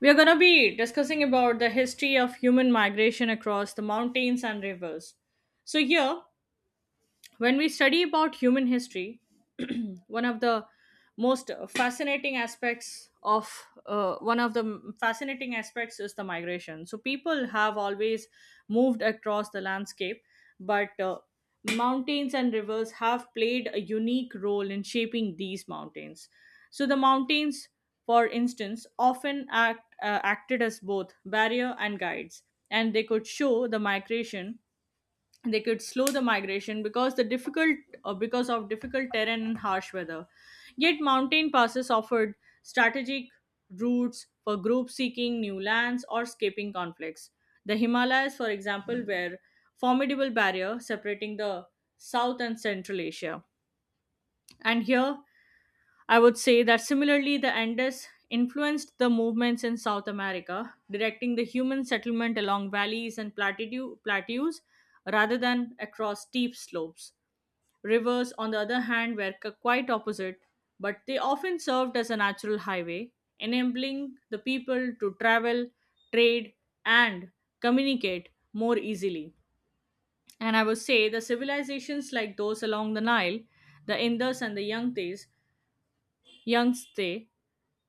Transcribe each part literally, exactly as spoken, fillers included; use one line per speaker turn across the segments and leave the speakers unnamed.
We are going to be discussing about the history of human migration across the mountains and rivers. So here, when we study about human history one of the most fascinating aspects of uh, one of the m- fascinating aspects is the migration. So people have always moved across the landscape, but uh, mountains and rivers have played a unique role in shaping these mountains. So the mountains, for instance, often act uh, acted as both barrier and guides, and they could show the migration, they could slow the migration because the difficult uh, because of difficult terrain and harsh weather. Yet mountain passes offered strategic routes for groups seeking new lands or escaping conflicts. The Himalayas, for example, were formidable barrier separating the South and Central Asia. And here I would say that similarly, the Andes influenced the movements in South America, directing the human settlement along valleys and plateau- plateaus rather than across steep slopes. Rivers, on the other hand, were c- quite opposite, but they often served as a natural highway, enabling the people to travel, trade, and communicate more easily. And I would say the civilizations like those along the Nile, the Indus and the Yangtes young stay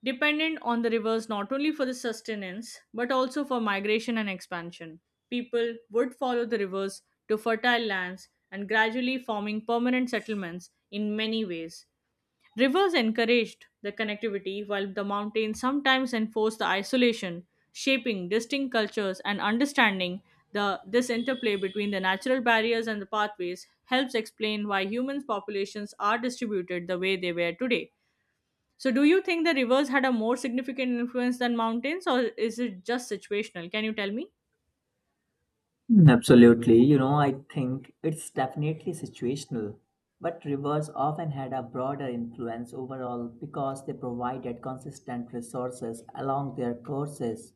dependent on the rivers not only for the sustenance but also for migration and expansion. People would follow the rivers to fertile lands and gradually forming permanent settlements in many ways. Rivers encouraged the connectivity while the mountains sometimes enforced the isolation, shaping distinct cultures and understanding. The this interplay between the natural barriers and the pathways helps explain why humans populations are distributed the way they were today. So, do you think the rivers had a more significant influence than mountains, or is it just situational? Can you tell me?
Mm, absolutely. You know, I think it's definitely situational, but rivers often had a broader influence overall because they provided consistent resources along their courses.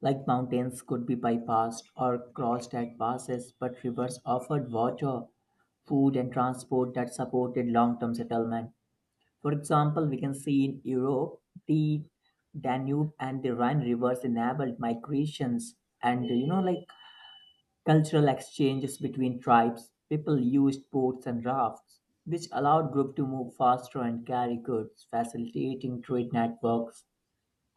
Like mountains could be bypassed or crossed at passes, but rivers offered water, food, and transport that supported long term settlement. For example, we can see in Europe, the Danube and the Rhine rivers enabled migrations and you know like cultural exchanges between tribes. People used boats and rafts, which allowed groups to move faster and carry goods, facilitating trade networks.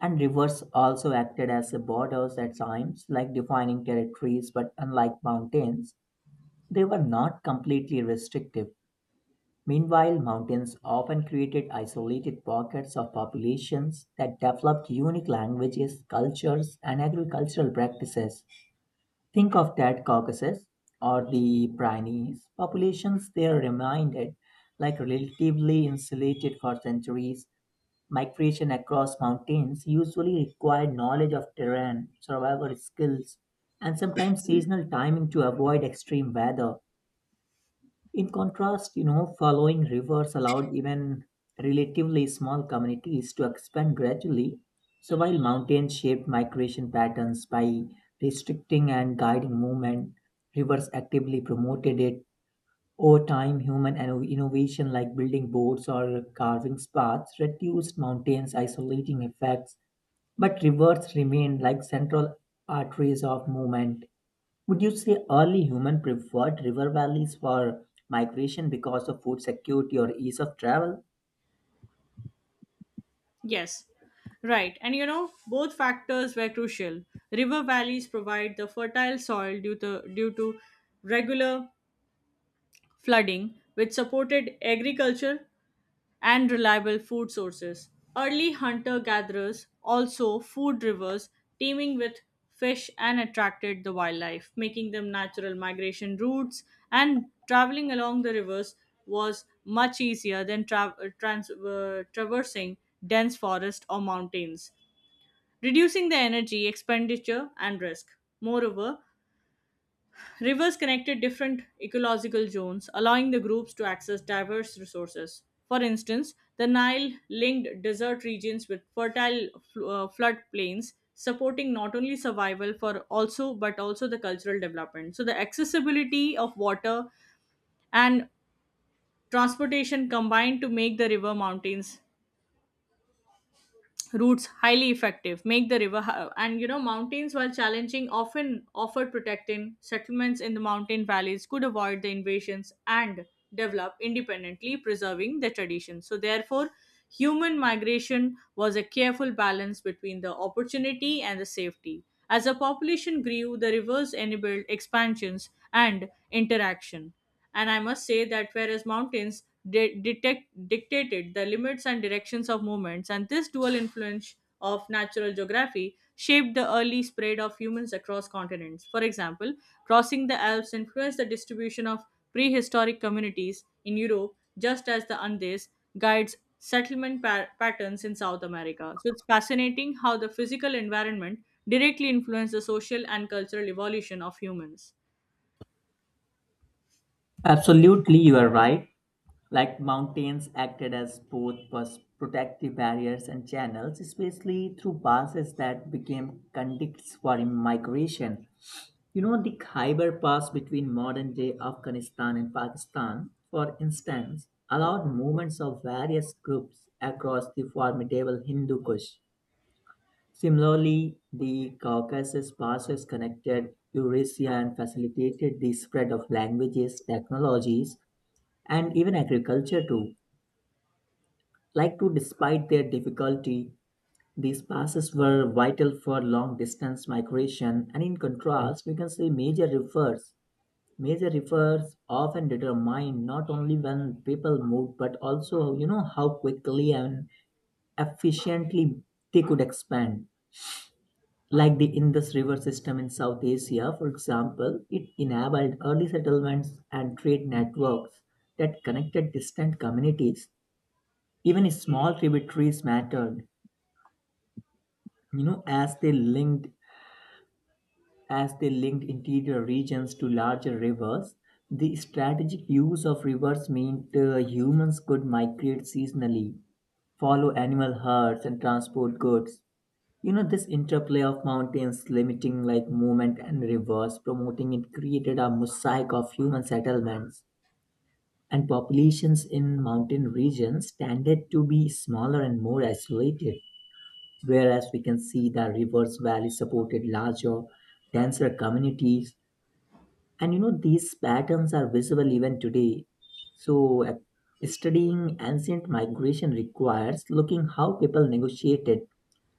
And rivers also acted as the borders at times, like defining territories, but unlike mountains, they were not completely restrictive. Meanwhile, mountains often created isolated pockets of populations that developed unique languages, cultures, and agricultural practices. Think of that Caucasus or the Pyrenees. Populations there remained like relatively insulated for centuries. Migration across mountains usually required knowledge of terrain, survival skills, and sometimes seasonal timing to avoid extreme weather. In contrast, you know, following rivers allowed even relatively small communities to expand gradually. So while mountains shaped migration patterns by restricting and guiding movement, rivers actively promoted it. Over time, human inno- innovation like building boats or carving paths reduced mountains' isolating effects, but rivers remained like central arteries of movement. Would you say early humans preferred river valleys for migration because of food security or ease of travel?
Yes, right. And you know, both factors were crucial. River valleys provide the fertile soil due to, due to regular flooding, which supported agriculture and reliable food sources. Early hunter gatherers also food rivers teeming with fish and attracted the wildlife, making them natural migration routes. And traveling along the rivers was much easier than tra- uh, trans- uh, traversing dense forest or mountains, reducing the energy expenditure and risk. Moreover, rivers connected different ecological zones, allowing the groups to access diverse resources. For instance, the Nile linked desert regions with fertile fl- uh, floodplains, supporting not only survival for also but also the cultural development. So the accessibility of water and transportation combined to make the river mountains routes highly effective make the river hi- and you know mountains while challenging often offered protecting settlements in the mountain valleys could avoid the invasions and develop independently preserving their traditions. So therefore human migration was a careful balance between the opportunity and the safety. As the population grew, the rivers enabled expansions and interaction. And I must say that whereas mountains de- detect- dictated the limits and directions of movements, and this dual influence of natural geography shaped the early spread of humans across continents. For example, crossing the Alps influenced the distribution of prehistoric communities in Europe, just as the Andes guides settlement pa- patterns in South America. So it's fascinating how the physical environment directly influenced the social and cultural evolution of humans.
Absolutely, you are right. Like mountains acted as both pers- protective barriers and channels, especially through passes that became conduits for migration. You know, the Khyber Pass between modern day Afghanistan and Pakistan, for instance, allowed movements of various groups across the formidable Hindu Kush. Similarly, the Caucasus passes connected Eurasia and facilitated the spread of languages, technologies, and even agriculture too. Like to despite their difficulty, these passes were vital for long distance migration, and in contrast, we can say major rivers. Major rivers often determine not only when people moved, but also you know how quickly and efficiently they could expand. Like the Indus River system in South Asia, for example, it enabled early settlements and trade networks that connected distant communities. Even small tributaries mattered, you know, as they linked as they linked interior regions to larger rivers. The strategic use of rivers meant uh, humans could migrate seasonally, follow animal herds, and transport goods. You know this interplay of mountains limiting like movement and rivers promoting it created a mosaic of human settlements, and populations in mountain regions tended to be smaller and more isolated, whereas we can see the rivers valley supported larger, denser communities. And you know these patterns are visible even today. So uh, studying ancient migration requires looking how people negotiated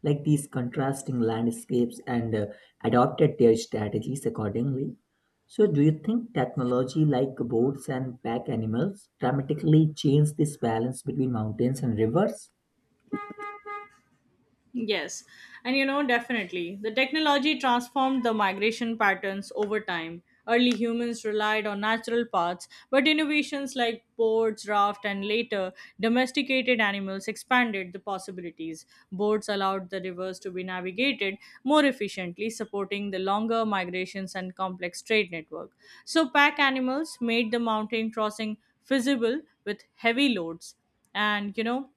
like these contrasting landscapes and uh, adopted their strategies accordingly. So, do you think technology like boats and pack animals dramatically changed this balance between mountains and rivers?
Yes, and you know, definitely. The technology transformed the migration patterns over time. Early humans relied on natural paths, but innovations like boards, raft, and later domesticated animals expanded the possibilities. Boards allowed the rivers to be navigated more efficiently, supporting the longer migrations and complex trade network. So, pack animals made the mountain crossing feasible with heavy loads. And you know,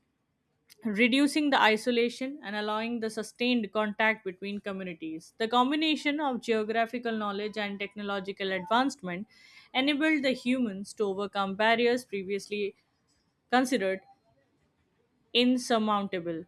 reducing the isolation and allowing the sustained contact between communities. The combination of geographical knowledge and technological advancement enabled the humans to overcome barriers previously considered insurmountable.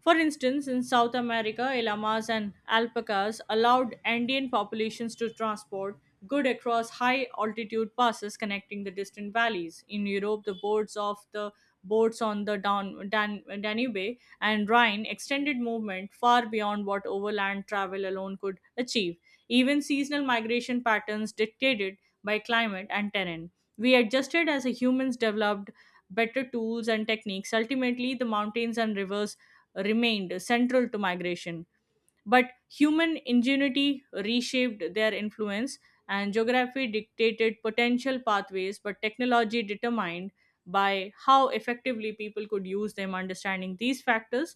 For instance, in South America, llamas and alpacas allowed Andean populations to transport goods across high altitude passes connecting the distant valleys. In Europe, the boards of the boats on the Dan- Dan- Danube and Rhine extended movement far beyond what overland travel alone could achieve. Even seasonal migration patterns dictated by climate and terrain. We adjusted as humans developed better tools and techniques, ultimately the mountains and rivers remained central to migration. But human ingenuity reshaped their influence, and geography dictated potential pathways, but technology determined by how effectively people could use them. Understanding these factors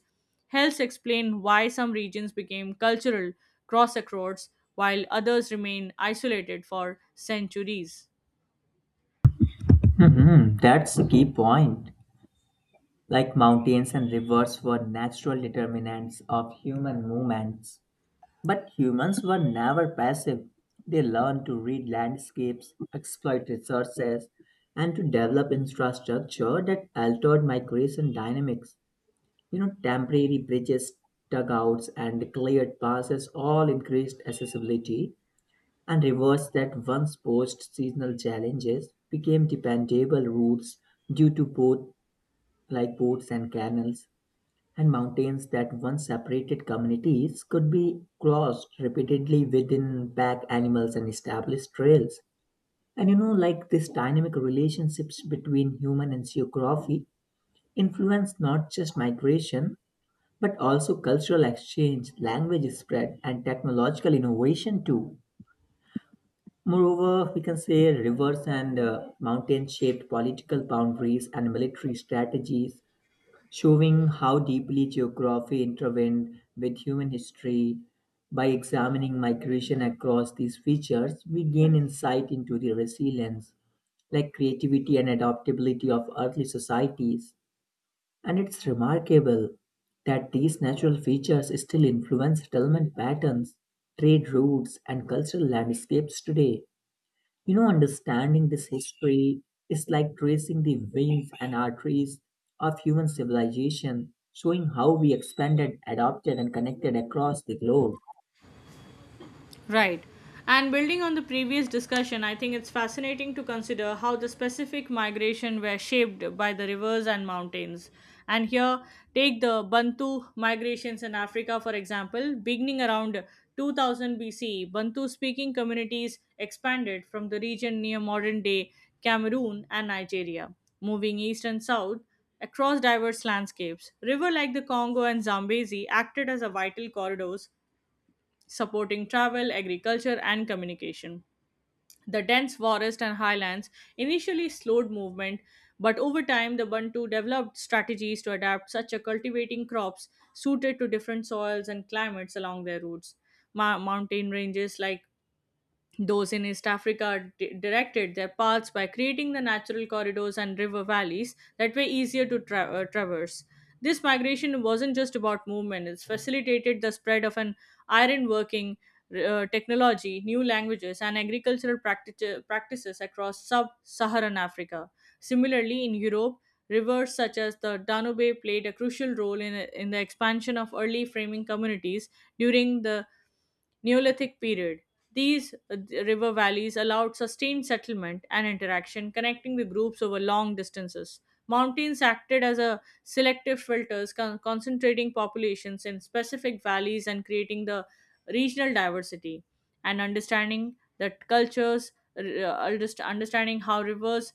helps explain why some regions became cultural crossroads while others remain isolated for centuries.
Hmm, that's a key point. Like mountains and rivers were natural determinants of human movements. But humans were never passive. They learned to read landscapes, exploit resources, and to develop infrastructure that altered migration dynamics. You know, temporary bridges, dugouts, and cleared passes all increased accessibility and reversed that once posed seasonal challenges became dependable routes due to both like boats and canals, and mountains that once separated communities could be crossed repeatedly within pack animals and established trails. And you know, like this dynamic relationships between human and geography influence not just migration, but also cultural exchange, language spread, and technological innovation too. Moreover, we can say rivers and uh, mountain shaped political boundaries and military strategies, showing how deeply geography intervened with human history. By examining migration across these features, we gain insight into the resilience, like creativity and adaptability of early societies. And it's remarkable that these natural features still influence settlement patterns, trade routes, and cultural landscapes today. You know, understanding this history is like tracing the veins and arteries of human civilization, showing how we expanded, adopted, and connected across the globe.
Right. And building on the previous discussion, I think it's fascinating to consider how the specific migration were shaped by the rivers and mountains. And here, take the Bantu migrations in Africa, for example. Beginning around two thousand B C, Bantu speaking communities expanded from the region near modern day Cameroon and Nigeria, moving east and south across diverse landscapes. River like the Congo and Zambezi acted as a vital corridors supporting travel, agriculture, and communication. The dense forest and highlands initially slowed movement, but over time the Bantu developed strategies to adapt, such as cultivating crops suited to different soils and climates along their routes. Ma- mountain ranges like those in East Africa di- directed their paths by creating the natural corridors and river valleys that were easier to tra- uh, traverse. This migration wasn't just about movement, it facilitated the spread of an iron working uh, technology, new languages, and agricultural practic- practices across sub Saharan Africa. Similarly, in Europe, rivers such as the Danube played a crucial role in, in the expansion of early framing communities during the Neolithic period. These uh, river valleys allowed sustained settlement and interaction, connecting the groups over long distances. Mountains acted as a selective filters, con- concentrating populations in specific valleys and creating the regional diversity. And understanding that cultures, r- uh, underst- understanding how rivers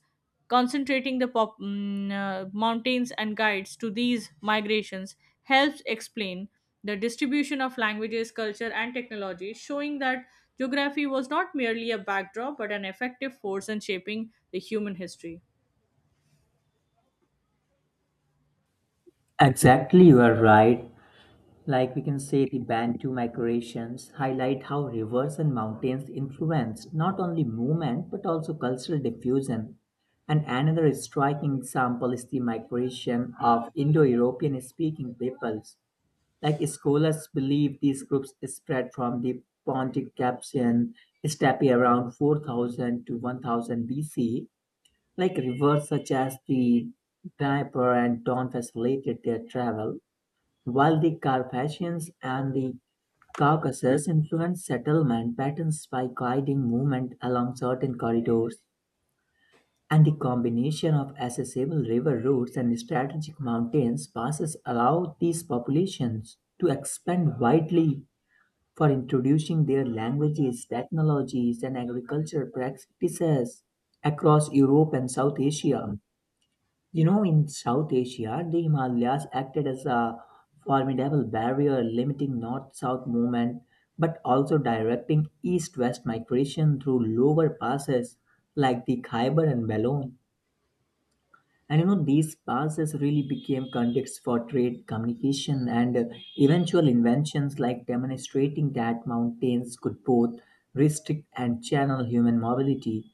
concentrating the pop- mm, uh, mountains and guides to these migrations helps explain the distribution of languages, culture, and technology, showing that geography was not merely a backdrop but an effective force in shaping the human history.
Exactly, you are right. Like we can say, the Bantu migrations highlight how rivers and mountains influenced not only movement but also cultural diffusion. And another striking example is the migration of Indo European speaking peoples. Like scholars believe these groups spread from the Pontic Capsian steppe around four thousand to one thousand B C. Like rivers such as the Dnieper and Don facilitated their travel, while the Carpathians and the Caucasus influenced settlement patterns by guiding movement along certain corridors, and the combination of accessible river routes and strategic mountains passes allow these populations to expand widely for introducing their languages, technologies, and agricultural practices across Europe and South Asia. You know, in South Asia, the Himalayas acted as a formidable barrier limiting north south movement, but also directing east west migration through lower passes like the Khyber and Balon. And you know, these passes really became contexts for trade, communication, and uh, eventual inventions like demonstrating that mountains could both restrict and channel human mobility.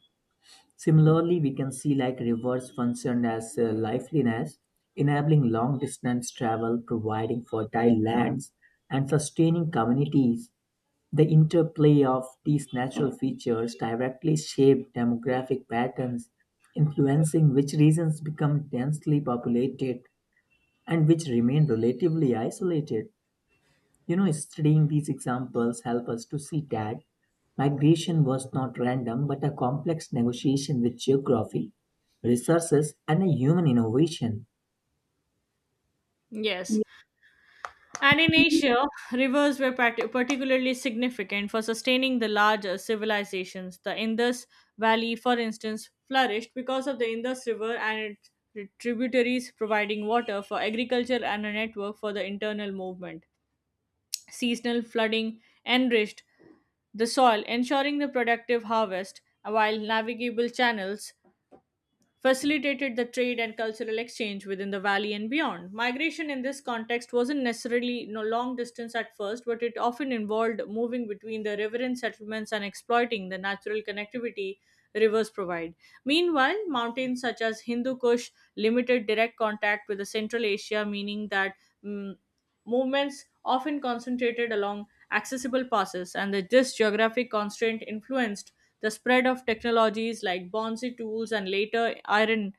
Similarly, we can see like rivers functioned as uh, lifelines, enabling long distance travel, providing fertile lands, and sustaining communities. The interplay of these natural features directly shape demographic patterns, influencing which regions become densely populated and which remain relatively isolated. You know, studying these examples help us to see that migration was not random but a complex negotiation with geography, resources, and a human innovation.
Yes, and in Asia, rivers were pat- particularly significant for sustaining the larger civilizations. The Indus Valley, for instance, flourished because of the Indus River and its tributaries providing water for agriculture and a network for the internal movement. Seasonal flooding enriched the soil, ensuring the productive harvest, while navigable channels facilitated the trade and cultural exchange within the valley and beyond. Migration in this context wasn't necessarily no long distance at first, but it often involved moving between the riverine settlements and exploiting the natural connectivity rivers provide. Meanwhile, mountains such as Hindu Kush limited direct contact with the Central Asia, meaning that mm, movements often concentrated along accessible passes, and that this geographic constraint influenced the spread of technologies like bonsai tools and later iron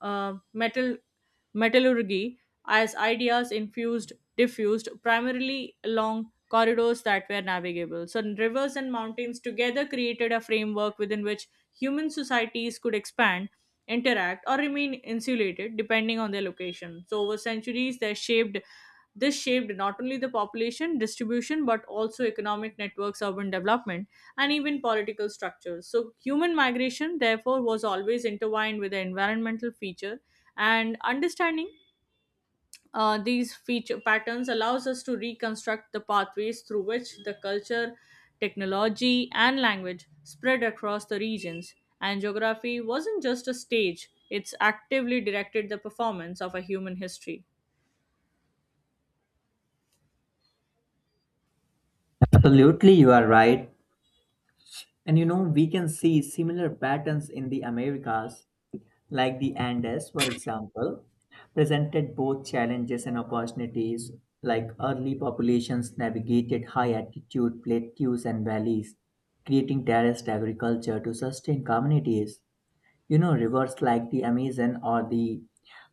uh, metal metallurgy as ideas infused diffused primarily along corridors that were navigable. So rivers and mountains together created a framework within which human societies could expand interact or remain insulated depending on their location. So, over centuries, they shaped this shaped not only the population distribution but also economic networks, urban development, and even political structures. So, human migration, therefore, was always intertwined with the environmental feature, and understanding uh, these feature patterns allows us to reconstruct the pathways through which the culture, technology, and language spread across the regions. And geography wasn't just a stage, it's actively directed the performance of a human history.
Absolutely, you are right. And you know, we can see similar patterns in the Americas like the Andes, for example, presented both challenges and opportunities, like early populations navigated high altitude plateaus and valleys, creating terraced agriculture to sustain communities. You know, rivers like the Amazon or the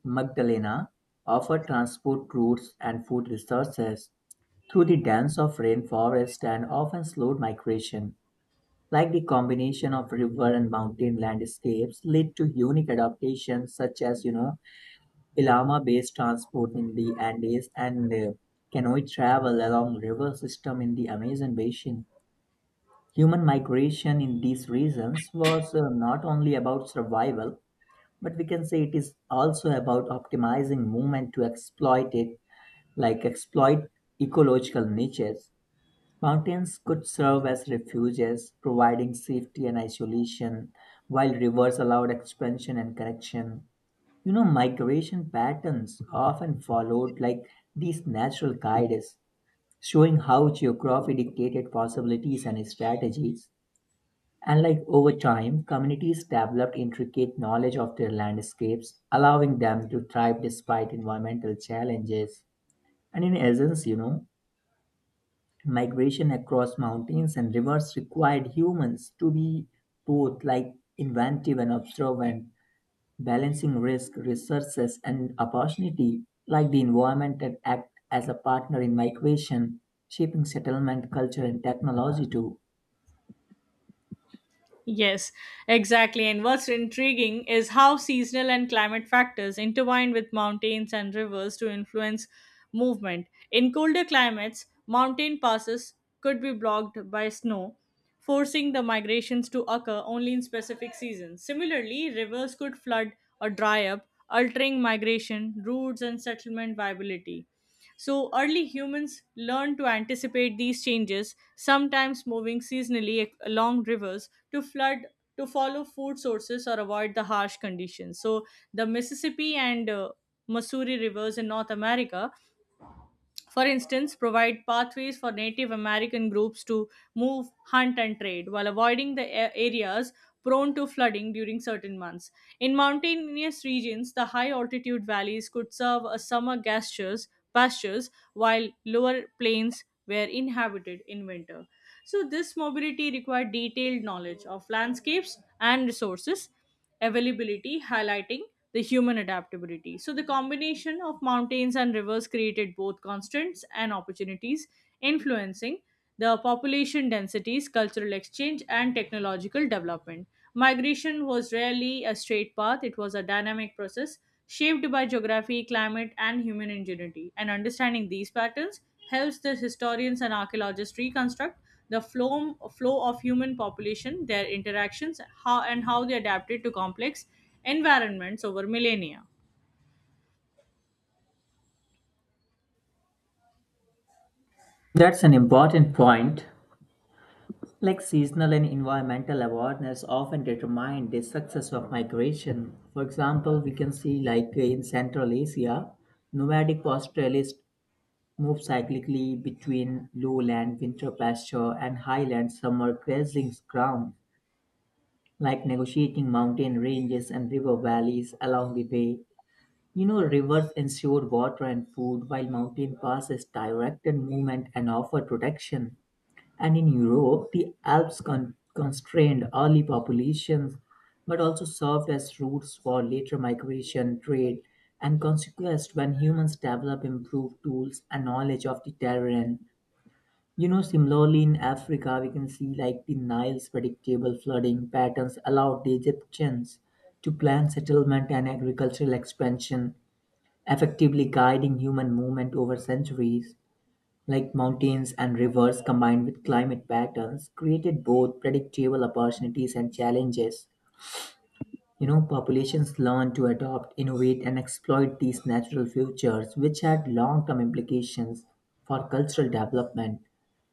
Magdalena offer transport routes and food resources through the dance of rainforest and often slowed migration. Like the combination of river and mountain landscapes led to unique adaptations such as, you know, llama-based transport in the Andes and uh, canoe travel along river system in the Amazon basin. Human migration in these regions was uh, not only about survival, but we can say it is also about optimizing movement to exploit it, like exploit ecological niches. Mountains could serve as refuges, providing safety and isolation, while rivers allowed expansion and connection. You know, migration patterns often followed like these natural guides, showing how geography dictated possibilities and strategies. And like over time, communities developed intricate knowledge of their landscapes, allowing them to thrive despite environmental challenges. And in essence, you know, migration across mountains and rivers required humans to be both like inventive and observant, balancing risk, resources, and opportunity, like the environment that act as a partner in migration, shaping settlement culture and technology too.
Yes, exactly. And what's intriguing is how seasonal and climate factors intertwine with mountains and rivers to influence movement. In colder climates, mountain passes could be blocked by snow, forcing the migrations to occur only in specific seasons. Similarly, rivers could flood or dry up, altering migration routes and settlement viability. So, early humans learned to anticipate these changes, sometimes moving seasonally ac- along rivers to flood to follow food sources or avoid the harsh conditions. So, the Mississippi and uh, Missouri rivers in North America, for instance, provide pathways for Native American groups to move, hunt, and trade while avoiding the a- areas prone to flooding during certain months. In mountainous regions, the high altitude valleys could serve as summer pastures, pastures, while lower plains were inhabited in winter. So, this mobility required detailed knowledge of landscapes and resources availability, highlighting the human adaptability. So, the combination of mountains and rivers created both constraints and opportunities, influencing the population densities, cultural exchange, and technological development. Migration was rarely a straight path, it was a dynamic process shaped by geography, climate, and human ingenuity. And understanding these patterns helps the historians and archaeologists reconstruct the flow, flow of human population, their interactions, how and how they adapted to complex environments over millennia.
That's an important point. Like seasonal and environmental awareness often determine the success of migration. For example, we can see like in Central Asia, nomadic pastoralists move cyclically between lowland winter pasture and highland summer grazing ground, like negotiating mountain ranges and river valleys along the way. You know, rivers ensure water and food, while mountain passes directed movement and offer protection. And in Europe, the Alps con- constrained early populations but also served as routes for later migration, trade, and conquest when humans develop improved tools and knowledge of the terrain. You know, similarly in Africa, we can see like the Nile's predictable flooding patterns allowed the Egyptians to plan settlement and agricultural expansion, effectively guiding human movement over centuries. Like mountains and rivers combined with climate patterns created both predictable opportunities and challenges. You know, populations learn to adopt, innovate, and exploit these natural features, which had long term implications for cultural development,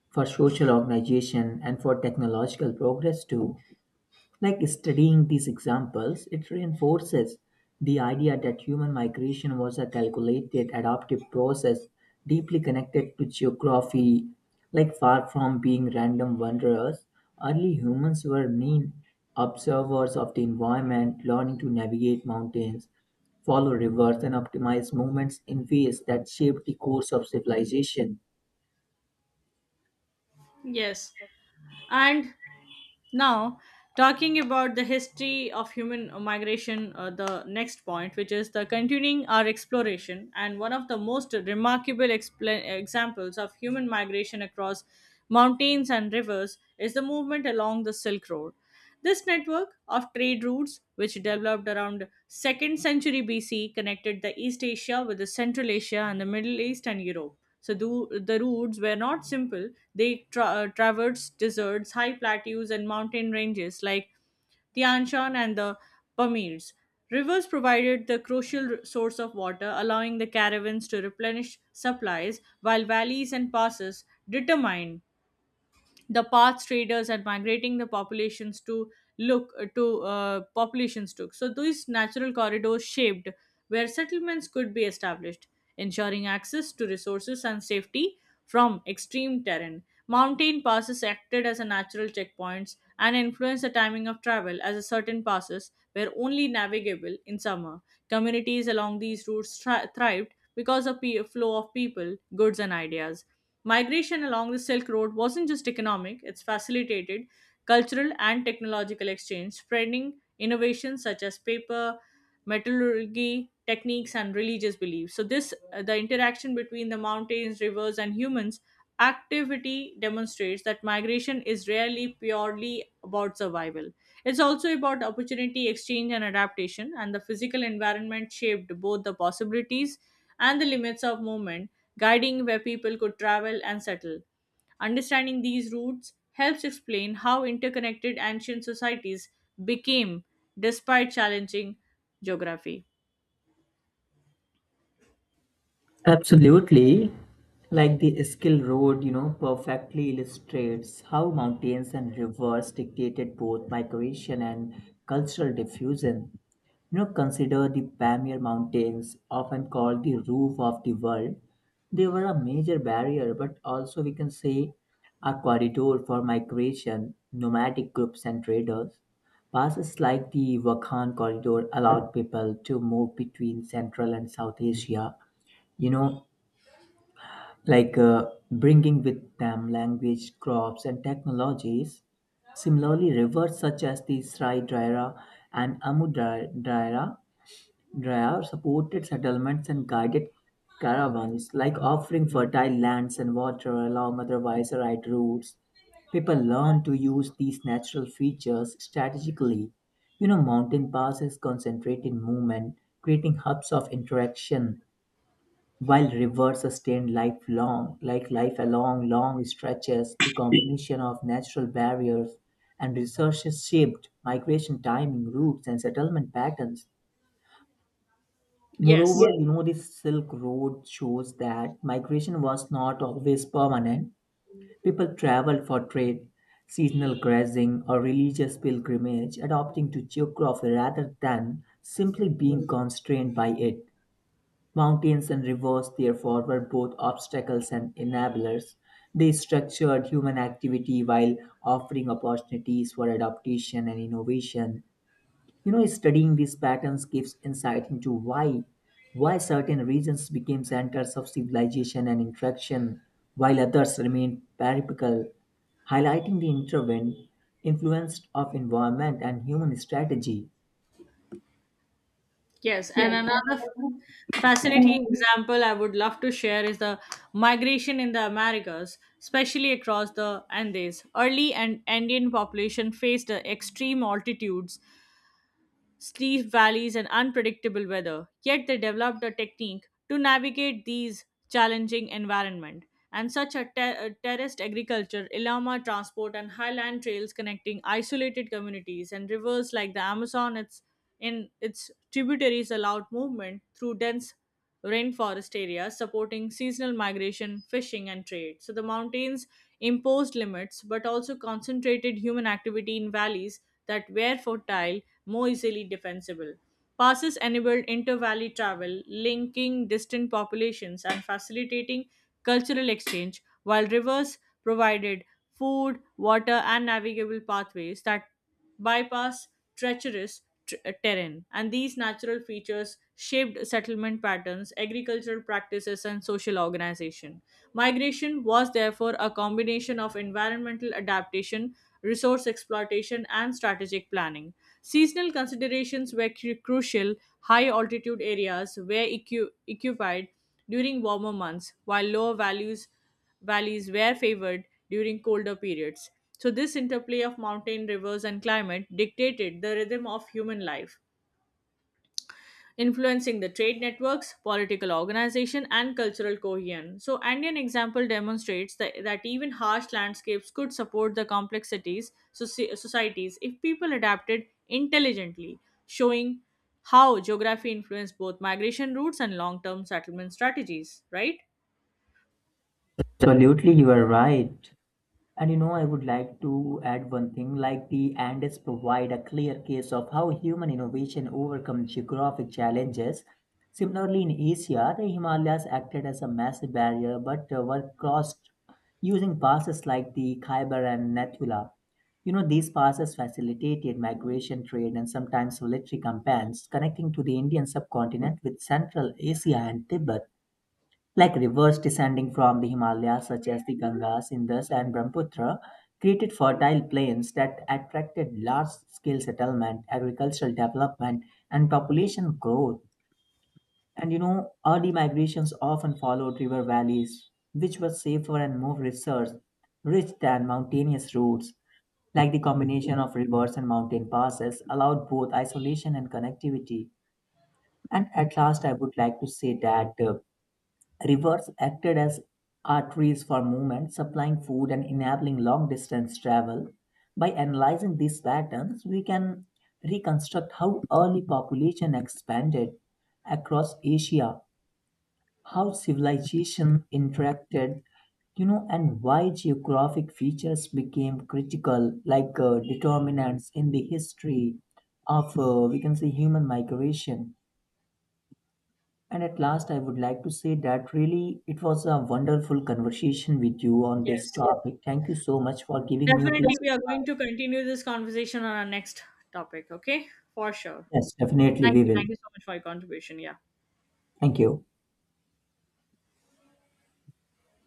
for social organization, and for technological progress too. Like studying these examples, it reinforces the idea that human migration was a calculated adaptive process deeply connected to geography. Like far from being random wanderers, early humans were mean observers of the environment, learning to navigate mountains, follow rivers, and optimize movements in ways that shaped the course of civilization.
Yes. And now, talking about the history of human migration, uh, the next point, which is the continuing our exploration, and one of the most remarkable expla examples of human migration across mountains and rivers is the movement along the Silk Road. This network of trade routes, which developed around second century B C, connected the East Asia with the Central Asia and the Middle East and Europe. So the, the routes were not simple. They tra- uh, traversed deserts, high plateaus, and mountain ranges like Tian Shan and the Pamirs. Rivers provided the crucial r- source of water, allowing the caravans to replenish supplies, while valleys and passes determined the path traders are migrating the populations to look to uh, populations took. So these natural corridors shaped where settlements could be established, ensuring access to resources and safety from extreme terrain. Mountain passes acted as a natural checkpoints and influenced the timing of travel as a certain passes were only navigable in summer. Communities along these routes thri- thrived because of the flow of people, goods and ideas. Migration along the Silk Road wasn't just economic, it's facilitated cultural and technological exchange, spreading innovations such as paper, metallurgy, techniques, and religious beliefs. So, this uh, the interaction between the mountains, rivers, and humans activity demonstrates that migration is rarely purely about survival. It's also about opportunity, exchange, and adaptation, and the physical environment shaped both the possibilities and the limits of movement guiding where people could travel and settle. Understanding these roots helps explain how interconnected ancient societies became despite challenging geography.
Absolutely. Like the Skill Road, you know, perfectly illustrates how mountains and rivers dictated both migration and cultural diffusion. You know, consider the Pamir Mountains, often called the roof of the world. They were a major barrier, but also we can say a corridor for migration, nomadic groups, and traders. Passes like the Wakhan Corridor allowed people to move between Central and South Asia. you know like uh, Bringing with them language crops and technologies, similarly rivers such as the sri daira and amu Dai- daira daira supported settlements and guided caravans, like offering fertile lands and water along otherwise right routes. People learn to use these natural features strategically. You know mountain passes concentrated movement, creating hubs of interaction, while rivers sustain lifelong, like life along long stretches. The combination of natural barriers and resources shaped migration timing, routes, and settlement patterns.
Yes,
Moreover, yes, you know, the Silk Road shows that migration was not always permanent. People traveled for trade, seasonal grazing, or religious pilgrimage, adopting to geography rather than simply being constrained by it. Mountains and rivers, therefore, were both obstacles and enablers. They structured human activity while offering opportunities for adaptation and innovation. You know, studying these patterns gives insight into why why certain regions became centers of civilization and interaction, while others remained peripheral, highlighting the intervened influence of environment and human strategy.
yes, and another f- fascinating example I would love to share is the migration in the Americas, especially across the Andes. Early and Andean population faced the extreme altitudes steep valleys, and unpredictable weather. Yet they developed a technique to navigate these challenging environment. And such a, ter- a terraced agriculture, llama transport, and highland trails connecting isolated communities and rivers like the Amazon, its in its tributaries allowed movement through dense rainforest areas, supporting seasonal migration, fishing, and trade. So the mountains imposed limits but also concentrated human activity in valleys that were fertile, more easily defensible. Passes enabled inter valley travel, linking distant populations and facilitating cultural exchange, while rivers provided food, water, and navigable pathways that bypass treacherous tr- terrain. And these natural features shaped settlement patterns, agricultural practices, and social organization. Migration was therefore a combination of environmental adaptation resource exploitation, and strategic planning. Seasonal considerations were cru- crucial. High altitude areas were equi- occupied during warmer months, while lower values valleys were favored during colder periods. So, this interplay of mountain, rivers, and climate dictated the rhythm of human life influencing the trade networks, political organization, and cultural cohesion. So, Andean example demonstrates that, that even harsh landscapes could support the complexities soci- societies if people adapted intelligently, showing how geography influenced both migration routes and long-term settlement strategies. Right?
Absolutely, you are right. And you know, I would like to add one thing like the Andes provide a clear case of how human innovation overcomes geographic challenges. Similarly, in Asia, the Himalayas acted as a massive barrier but uh, were crossed using passes like the Khyber and Nathula. You know, these passes facilitated migration trade and sometimes military campaigns connecting to the Indian subcontinent with Central Asia and Tibet, like rivers descending from the Himalayas, such as the Ganga, Indus, and Brahmaputra, created fertile plains that attracted large scale settlement, agricultural development, and population growth. And you know, early migrations often followed river valleys, which were safer and more resource rich than mountainous routes. Like the combination of rivers and mountain passes allowed both isolation and connectivity. And at last, I would like to say that uh, rivers acted as arteries for movement, supplying food and enabling long-distance travel. By analyzing these patterns, we can reconstruct how early population expanded across Asia, how civilization interacted, you know, and why geographic features became critical, like uh, determinants in the history of, uh, we can say, human migration. And at last, I would like to say that really it was a wonderful conversation with you on this
Yes,
topic. Thank you so much for giving me your
definitely.
piece.
We are going to continue this conversation on our next topic. Okay, for sure.
Yes, definitely,
Thank
we
you.
will.
Thank you so much for your contribution. Yeah.
Thank you.